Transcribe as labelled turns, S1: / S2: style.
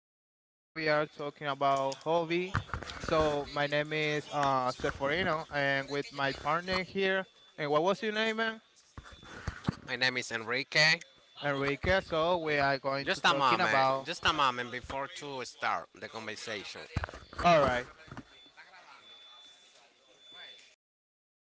S1: here and we are talking about hobby. So my name is Sephorino, and with my partner here. And what was your name, man?
S2: My name is Enrique.
S1: Enrique. So we are going to
S2: Just a
S1: talking
S2: moment.
S1: about.
S2: Just a moment before to start the conversation.
S1: All right.